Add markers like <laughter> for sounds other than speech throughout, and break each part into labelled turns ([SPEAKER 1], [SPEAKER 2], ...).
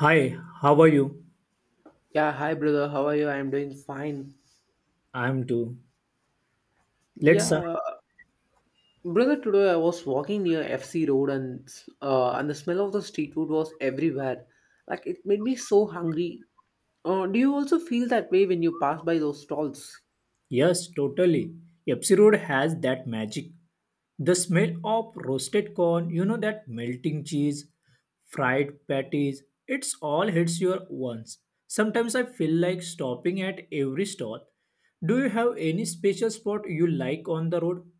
[SPEAKER 1] Hi, how are you?
[SPEAKER 2] Yeah, hi brother. How are you? I'm doing fine.
[SPEAKER 1] I'm too. Let's, uh,
[SPEAKER 2] Yeah, brother, today I was walking near FC Road and the smell of the street food was everywhere. Like it made me so hungry. Do you also feel that way when you pass by those stalls?
[SPEAKER 1] yes, totally. Epsi Road has that magic. The smell of roasted corn, that melting cheese, fried patties, it's all hits your once. Sometimes I feel like stopping at every stall. Do you have any special spot you like on the road?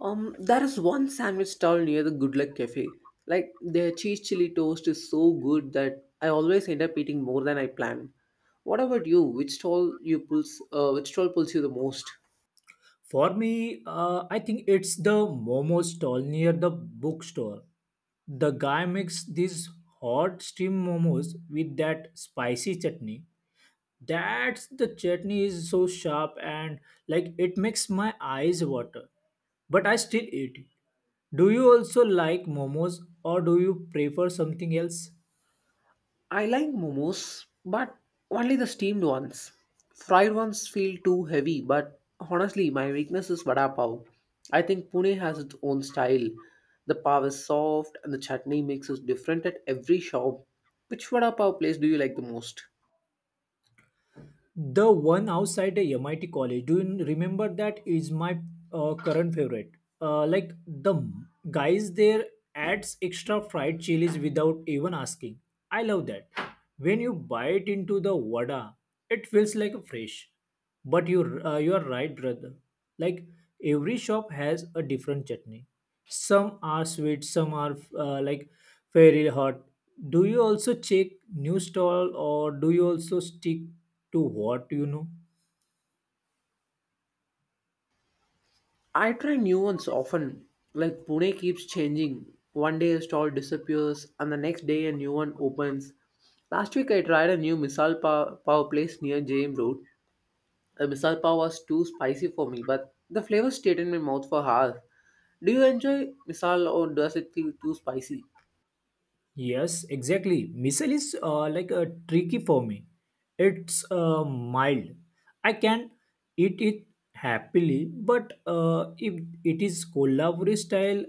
[SPEAKER 2] There is one sandwich stall near the Good Luck Cafe. Like their cheese chili toast is so good that I always end up eating more than I plan. What about you? Which stall you pulls? Which stall pulls you the most?
[SPEAKER 1] For me, I think it's the momo stall near the bookstore. The guy makes these hot steamed momos with that spicy chutney. That's the chutney is so sharp and like it makes my eyes water. But I still eat it. Do you also like momos or do you prefer something else?
[SPEAKER 2] I like momos, but only the steamed ones. Fried ones feel too heavy, but honestly, my weakness is vada pav. I think Pune has its own style. The pav is soft and the chutney mix is different at every shop. Which vada pav place do you like the most?
[SPEAKER 1] The one outside the MIT college. Do you remember that is my current favorite. Like the guys there adds extra fried chilies without even asking. I love that. When you bite into the vada, it feels like a fresh. But you're right, brother. Like every shop has a different chutney. Some are sweet, some are like very hot. Do you also check new stall or do you also stick to what you know?
[SPEAKER 2] I try new ones often. Like Pune keeps changing. One day a stall disappears, and the next day a new one opens. Last week I tried a new misal pav place near JM Road. Misal pav was too spicy for me, but the flavor stayed in my mouth for hours. Do you enjoy misal or does it feel too spicy?
[SPEAKER 1] Yes, exactly. Missile is like a tricky for me. It's mild. I can eat it happily, but if it is Kolhapuri style,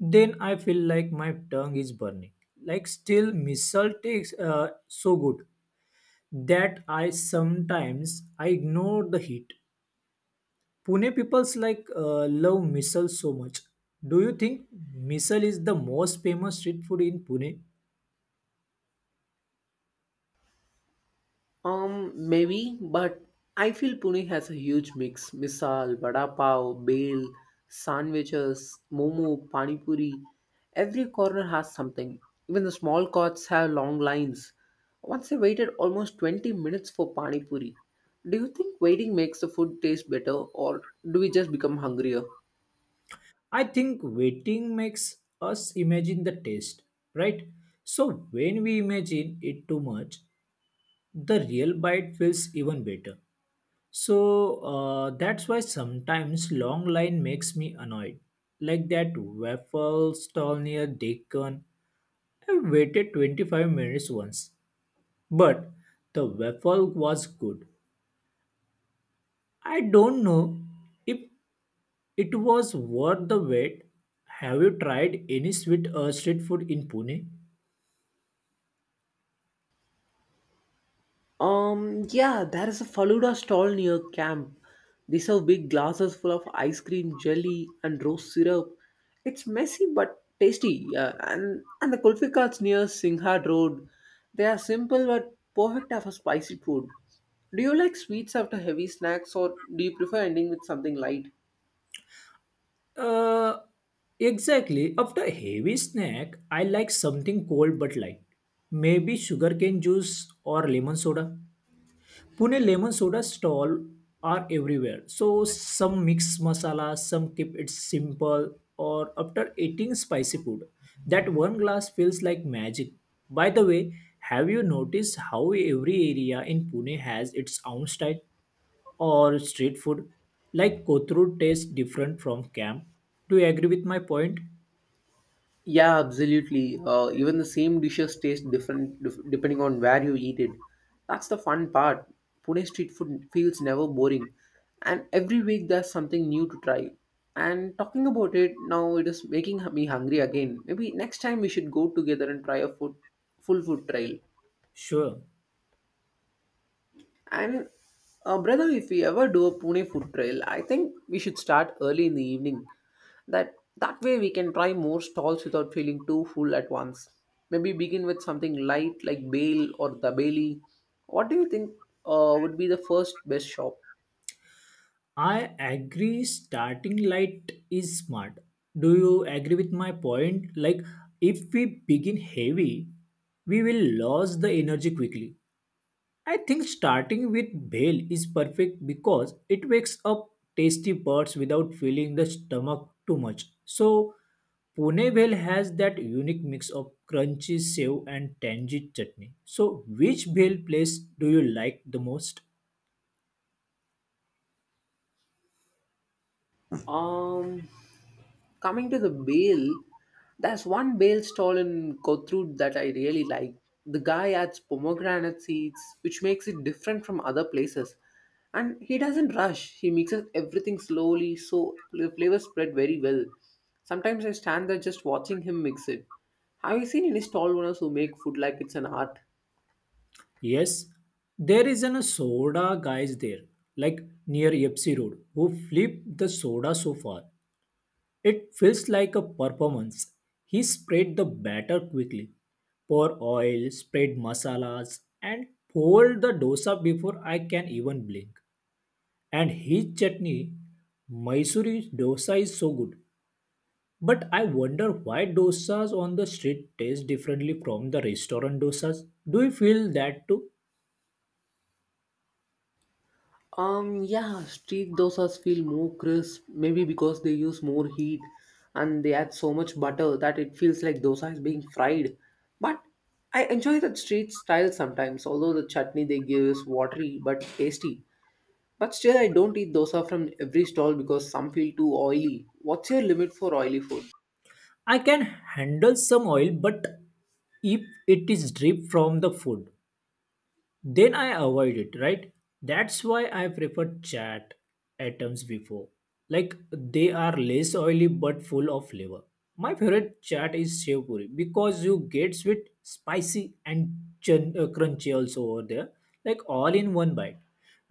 [SPEAKER 1] then I feel like my tongue is burning. Like still, missile tastes so good that I sometimes I ignore the heat. Pune people's like love missile so much. Do you think missile is the most famous street food in Pune?
[SPEAKER 2] Maybe, but I feel Pune has a huge mix. Misal, vada pav, bhel, sandwiches, momo, pani puri. Every corner has something. Even the small carts have long lines. Once I waited almost 20 minutes for pani puri. Do you think waiting makes the food taste better or do we just become hungrier?
[SPEAKER 1] I think waiting makes us imagine the taste, right? So when we imagine it too much, the real bite feels even better. So that's why sometimes long line makes me annoyed. Like that waffle stall near Deccan. I waited 25 minutes once, but the waffle was good. I don't know if it was worth the wait. Have you tried any sweet street food in Pune?
[SPEAKER 2] Yeah, there is a Faluda stall near camp. They serve big glasses full of ice cream, jelly, and rose syrup. It's messy but tasty. Yeah. And the kulfi carts near Singhad Road. They are simple but perfect for spicy food. Do you like sweets after heavy snacks, or do you prefer ending with something light?
[SPEAKER 1] Uh, exactly. After a heavy snack, I like something cold but light. Maybe sugarcane juice or lemon soda. Pune lemon soda stall are everywhere. So some mix masala, some keep it simple, or after eating spicy food, that one glass feels like magic. By the way, have you noticed how every area in Pune has its own style or street food? Like Kothru tastes different from camp. Do you agree with my point?
[SPEAKER 2] Yeah, absolutely. Even the same dishes taste depending on where you eat it. That's the fun part. Pune street food feels never boring, and every week there's something new to try. And talking about it now, it is making me hungry again. Maybe next time we should go together and try full food trail.
[SPEAKER 1] Sure.
[SPEAKER 2] And brother, if we ever do a Pune food trail, I think we should start early in the evening. That way we can try more stalls without feeling too full at once. Maybe begin with something light like bale or the bailey. What do you think would be the first best shop?
[SPEAKER 1] I agree starting light is smart. Do you agree with my point? Like if we begin heavy, we will lose the energy quickly. I think starting with bale is perfect because it wakes up tasty parts without filling the stomach too much. So Pune bale has that unique mix of crunchy sev and tangy chutney. So which bale place do you like the most?
[SPEAKER 2] <laughs> Um, Coming to the bale, there's one bale stall in Kothrood that I really like. The guy adds pomegranate seeds, which makes it different from other places. And he doesn't rush, he mixes everything slowly, so the flavors spread very well. Sometimes I stand there just watching him mix it. Have you seen any stall owners who make food like it's an art?
[SPEAKER 1] Yes, there is an soda guys there, like near Epsi Road, who flip the soda so far. It feels like a performance. He spread the batter quickly, pour oil, spread masalas, and fold the dosa before I can even blink. And his chutney, Mysuri dosa is so good. But I wonder why dosas on the street taste differently from the restaurant dosas. Do you feel that too?
[SPEAKER 2] Yeah, street dosas feel more crisp, maybe because they use more heat and they add so much butter that it feels like dosa is being fried. But I enjoy that street style sometimes, although the chutney they give is watery but tasty. But still, I don't eat dosa from every stall because some feel too oily. What's your limit for oily food?
[SPEAKER 1] I can handle some oil, but if it is drip from the food, then I avoid it, right? That's why I prefer chat items before. Like they are less oily but full of flavor. My favorite chat is shev puri because you get sweet, spicy, and crunchy also over there, like all in one bite.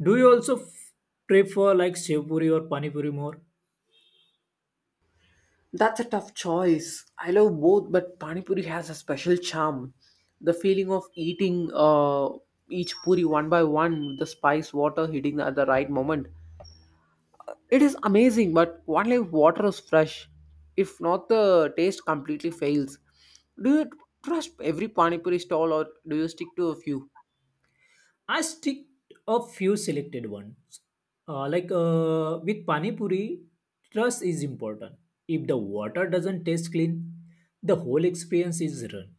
[SPEAKER 1] Do you also prefer like shev puri or pani puri more?
[SPEAKER 2] That's a tough choice. I love both, but Pani Puri has a special charm. The feeling of eating each puri one by one with the spice water hitting at the right moment. It is amazing, but only if water is fresh. If not, the taste completely fails. Do you trust every Pani Puri stall or do you stick to a few?
[SPEAKER 1] I stick a few selected ones. Like with pani puri, trust is important. If the water doesn't taste clean, the whole experience is ruined.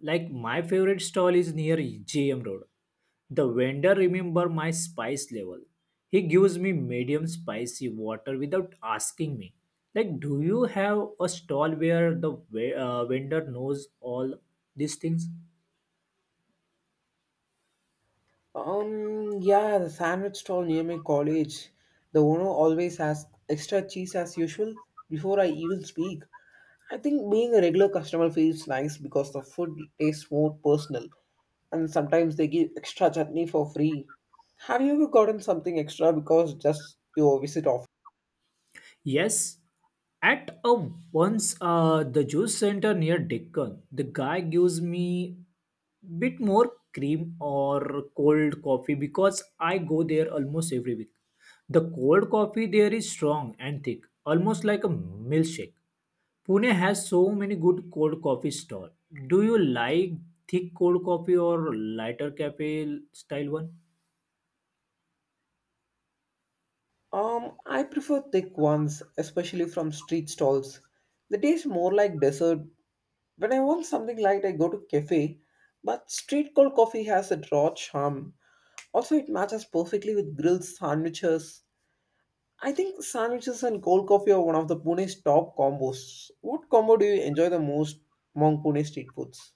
[SPEAKER 1] Like my favorite stall is near JM Road. The vendor remember my spice level. He gives me medium spicy water without asking me. Like, do you have a stall where the vendor knows all these things?
[SPEAKER 2] Yeah, the sandwich stall near my college. The owner always has extra cheese as usual before I even speak. I think being a regular customer feels nice because the food tastes more personal and sometimes they give extra chutney for free. Have you ever gotten something extra because just your visit off?
[SPEAKER 1] Yes, at a once the juice center near Deccan, the guy gives me bit more cream or cold coffee because I go there almost every week. The cold coffee there is strong and thick, almost like a milkshake. Pune has so many good cold coffee stall. Do you like thick cold coffee or lighter cafe style one?
[SPEAKER 2] I prefer thick ones, especially from street stalls. They taste more like dessert. When I want something light, I go to cafe, but street cold coffee has a raw charm. Also, it matches perfectly with grilled sandwiches. I think sandwiches and cold coffee are one of the Pune's top combos. What combo do you enjoy the most among Pune street foods?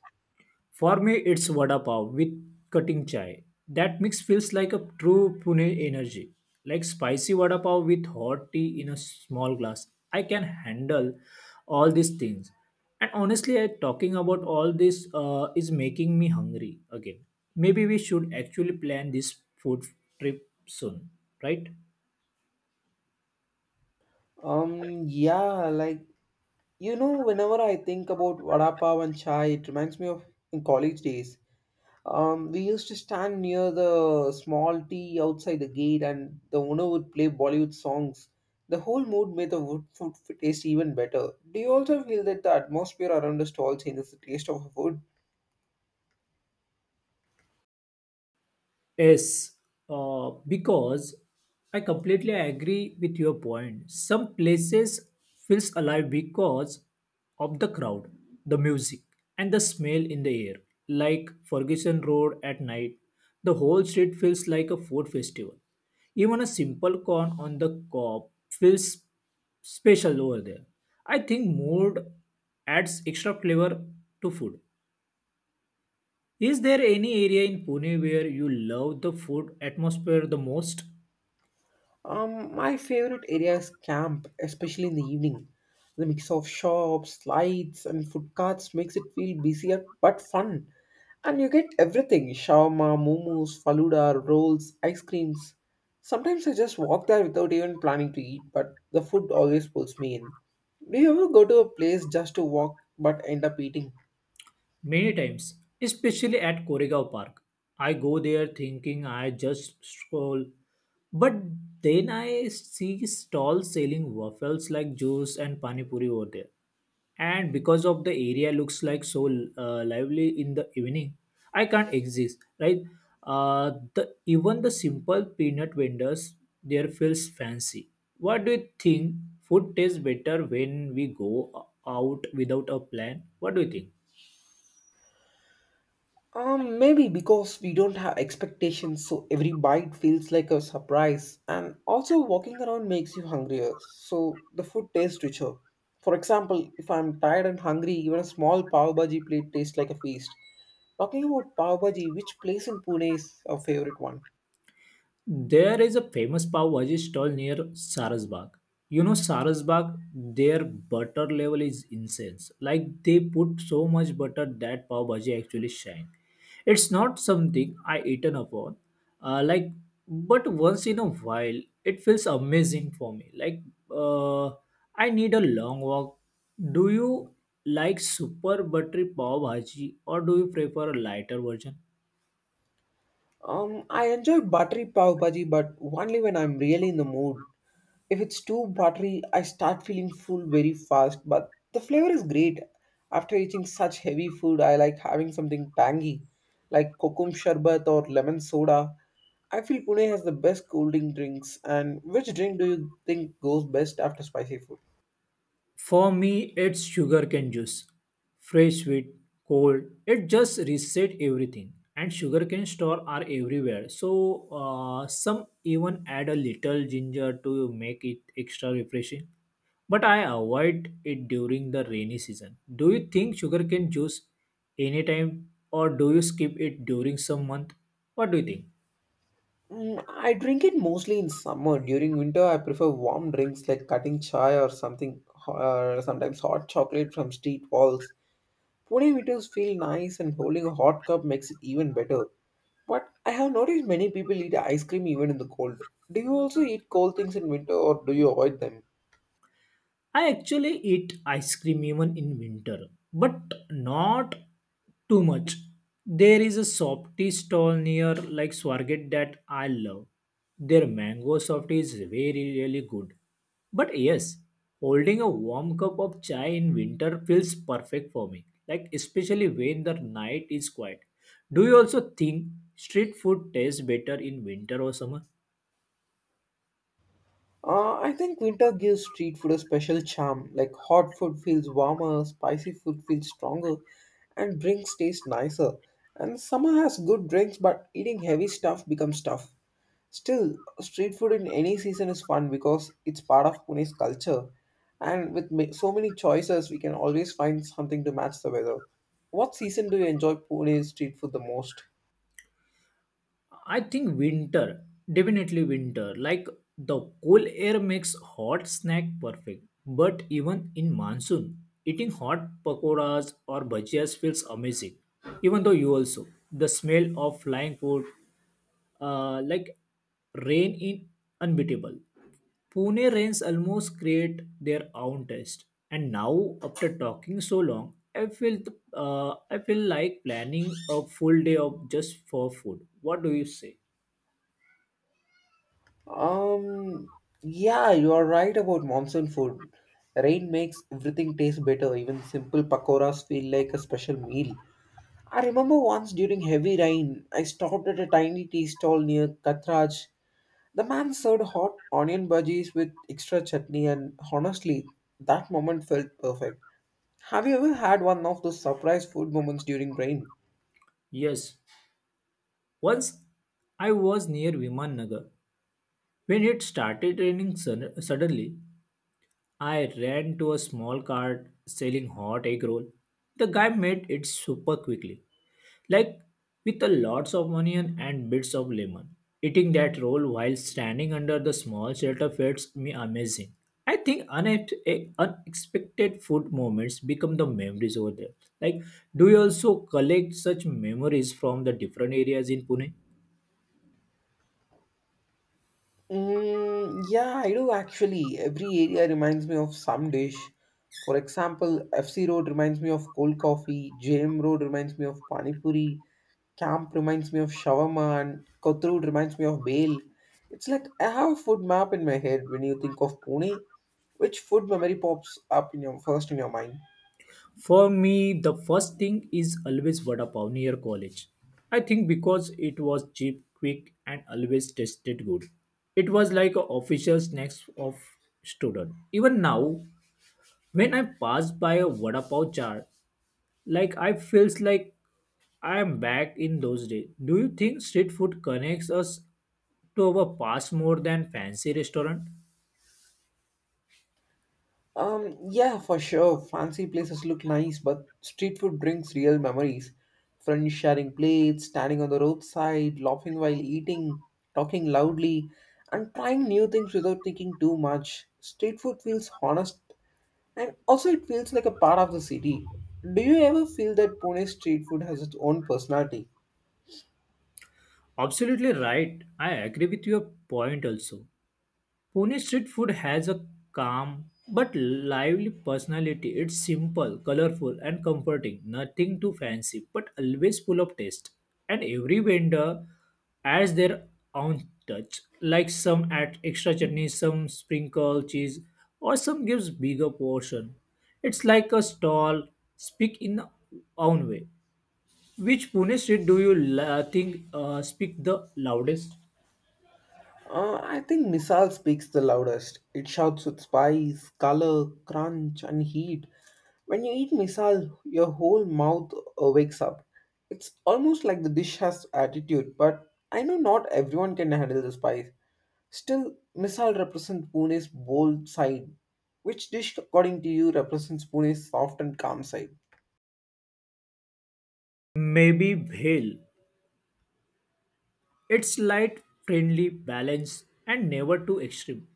[SPEAKER 1] For me, it's vada pav with cutting chai. That mix feels like a true Pune energy. Like spicy vada pav with hot tea in a small glass. I can handle all these things. And honestly, I, talking about all this is making me hungry again. Maybe we should actually plan this food trip soon, right?
[SPEAKER 2] Yeah, like you know, whenever I think about vada pav and chai, it reminds me of in college days. We used to stand near the small tea outside the gate, and the owner would play Bollywood songs. The whole mood made the taste even better. Do you also feel that the atmosphere around the stall changes the taste of the food?
[SPEAKER 1] Yes, because I completely agree with your point. Some places feels alive because of the crowd, the music, and the smell in the air. Like Ferguson Road at night, the whole street feels like a food festival. Even a simple corn on the cob feels special over there. I think mood adds extra flavor to food. Is there any area in Pune where you love the food atmosphere the most?
[SPEAKER 2] My favorite area is camp, especially in the evening. The mix of shops, lights, and food carts makes it feel busier but fun. And you get everything shawarma, momos, faluda, rolls, ice creams. Sometimes I just walk there without even planning to eat, but the food always pulls me in. Do you ever go to a place just to walk but end up eating?
[SPEAKER 1] Many times, especially at Koregaon Park, I go there thinking I just stroll, but then I see stalls selling waffles like juice and pani puri over there. And because of the area looks like so lively in the evening, I can't exist, right? The even the simple peanut vendors there feels fancy. What do you think? Food tastes better when we go out without a plan. What do you think?
[SPEAKER 2] Maybe because we don't have expectations, so every bite feels like a surprise. And also, walking around makes you hungrier, so the food tastes richer. For example, if I'm tired and hungry, even a small pav bhaji plate tastes like a feast. Talking about pav bhaji, which place in Pune is a favorite one?
[SPEAKER 1] There is a famous pav bhaji stall near Sarasbagh. You know Sarasbagh, their butter level is insane. Like they put so much butter that pav bhaji actually shine. It's not something I eaten upon. Like, but once in a while, it feels amazing for me. Uh, I need a long walk. Do you like super buttery pav bhaji or do you prefer a lighter version?
[SPEAKER 2] I enjoy buttery pav bhaji, but only when I'm really in the mood. If it's too buttery, I start feeling full very fast, but the flavor is great. After eating such heavy food, I like having something tangy, like kokum sherbet or lemon soda. I feel Pune has the best cool drinks. And which drink do you think goes best after spicy food?
[SPEAKER 1] For me, it's sugarcane juice. Fresh, sweet, cold. It just reset everything. And sugarcane store are everywhere. So some even add a little ginger to make it extra refreshing. But I avoid it during the rainy season. Do you think sugarcane juice anytime or do you skip it during some month? What do you think?
[SPEAKER 2] Mm, I drink it mostly in summer. During winter, I prefer warm drinks like cutting chai, or sometimes hot chocolate from street walls. Pudding eaters feel nice and holding a hot cup makes it even better. But I have noticed many people eat ice cream even in the cold. Do you also eat cold things in winter or do you avoid them?
[SPEAKER 1] I actually eat ice cream even in winter, but not too much. There is a softy stall near like Swargate that I love. Their mango softy is very really good. But yes, holding a warm cup of chai in winter feels perfect for me. Like especially when the night is quiet. Do you also think street food tastes better in winter or summer?
[SPEAKER 2] I think winter gives street food a special charm. Like hot food feels warmer, spicy food feels stronger, and drinks taste nicer. And summer has good drinks, but eating heavy stuff becomes tough. Still, street food in any season is fun because it's part of Pune's culture, and with so many choices, we can always find something to match the weather. What season do you enjoy Pune's street food the most?
[SPEAKER 1] I think winter, definitely winter. Like the cool air makes hot snack perfect. But even in monsoon, eating hot pakoras or bhajias feels amazing. Even though you also the smell of flying food like rain in unbeatable. Pune rains almost create their own taste. And now, after talking so long, I feel like planning a full day of just for food. What do you say?
[SPEAKER 2] Um, yeah, you are right about monsoon food. Rain makes everything taste better, even simple pakoras feel like a special meal. I remember once during heavy rain, I stopped at a tiny tea stall near Katraj. The man served hot onion bhajis with extra chutney, and honestly, that moment felt perfect. Have you ever had one of those surprise food moments during rain?
[SPEAKER 1] Yes. Once I was near Viman Nagar. When it started raining suddenly, I ran to a small cart selling hot egg roll. The guy made it super quickly like with a lots of onion and bits of lemon. Eating that roll while standing under the small shelter feels me amazing. I think unexpected food moments become the memories over there. Like, do you also collect such memories from the different areas in Pune?
[SPEAKER 2] Mm, yeah, I do actually. Every area reminds me of some dish. For example, FC Road reminds me of cold coffee, JM Road reminds me of pani puri, Camp reminds me of shawarma, and Kothrood reminds me of bale. It's like I have a food map in my head when you think of Pune. Which food memory pops up in your mind?
[SPEAKER 1] For me, the first thing is always vada pav near college. I think because it was cheap, quick, and always tasted good. It was like a official snacks of student. Even now, when I pass by a vada pav jar, like I feels like I am back in those days. Do you think street food connects us to our past more than fancy restaurant?
[SPEAKER 2] Yeah, for sure. Fancy places look nice, but street food brings real memories. Friends sharing plates, standing on the roadside, laughing while eating, talking loudly, and trying new things without thinking too much. Street food feels honest, and also it feels like a part of the city. Do you ever feel that Pune street food has its own personality?
[SPEAKER 1] Absolutely right. I agree with your point also. Pune street food has a calm but lively personality. It's simple, colorful, and comforting. Nothing too fancy, but always full of taste. And every vendor adds their own touch, like some add extra chutney, some sprinkle cheese, or some gives bigger portion. It's like a stall speak in own way. Which Pune street do you think speak the loudest?
[SPEAKER 2] I think Misal speaks the loudest. It shouts with spice, color, crunch, and heat. When you eat Misal, your whole mouth wakes up. It's almost like the dish has attitude, but I know not everyone can handle the spice. Still, Misal represents Pune's bold side. Which dish, according to you, represents Pune's soft and calm side?
[SPEAKER 1] Maybe Bhel. It's light, friendly, balanced, and never too extreme.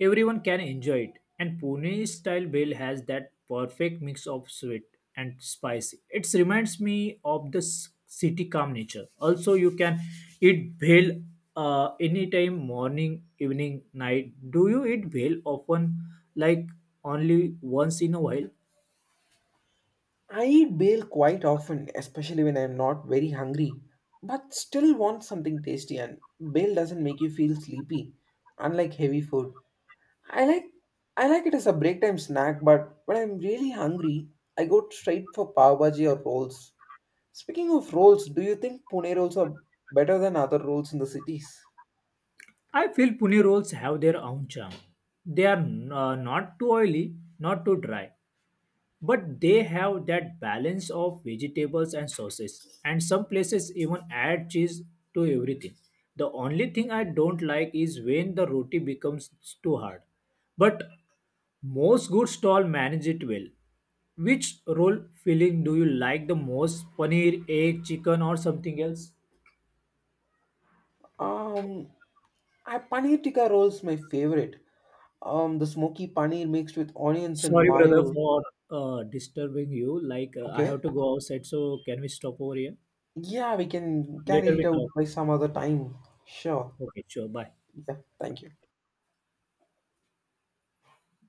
[SPEAKER 1] Everyone can enjoy it, and Pune style bhel has that perfect mix of sweet and spicy. It reminds me of the city calm nature. Also, you can eat bhel anytime, morning, evening, night. Do you eat bhel often, like only once in a while?
[SPEAKER 2] I eat bale quite often, especially when I'm not very hungry, but still want something tasty and bale doesn't make you feel sleepy, unlike heavy food. I like I like it as a break time snack, but when I'm really hungry, I go straight for pav bhaji or rolls. Speaking of rolls, do you think Pune rolls are better than other rolls in the cities?
[SPEAKER 1] I feel Pune rolls have their own charm. They are not too oily, not too dry. But they have that balance of vegetables and sauces, and some places even add cheese to everything. The only thing I don't like is when the roti becomes too hard. But most good stall manage it well. Which roll filling do you like the most? Paneer, egg, chicken, or something else?
[SPEAKER 2] Um, I paneer tikka rolls my favorite. The smoky paneer mixed with onions and
[SPEAKER 1] Sorry, brother,
[SPEAKER 2] mayo.
[SPEAKER 1] for disturbing you. I
[SPEAKER 2] Okay.
[SPEAKER 1] have to go outside, so can we stop over here?
[SPEAKER 2] Yeah, we can
[SPEAKER 1] Later
[SPEAKER 2] carry it
[SPEAKER 1] we talk.
[SPEAKER 2] out by some other
[SPEAKER 1] Yeah.
[SPEAKER 2] time. Sure.
[SPEAKER 1] Okay, sure. Bye.
[SPEAKER 2] Yeah, thank you.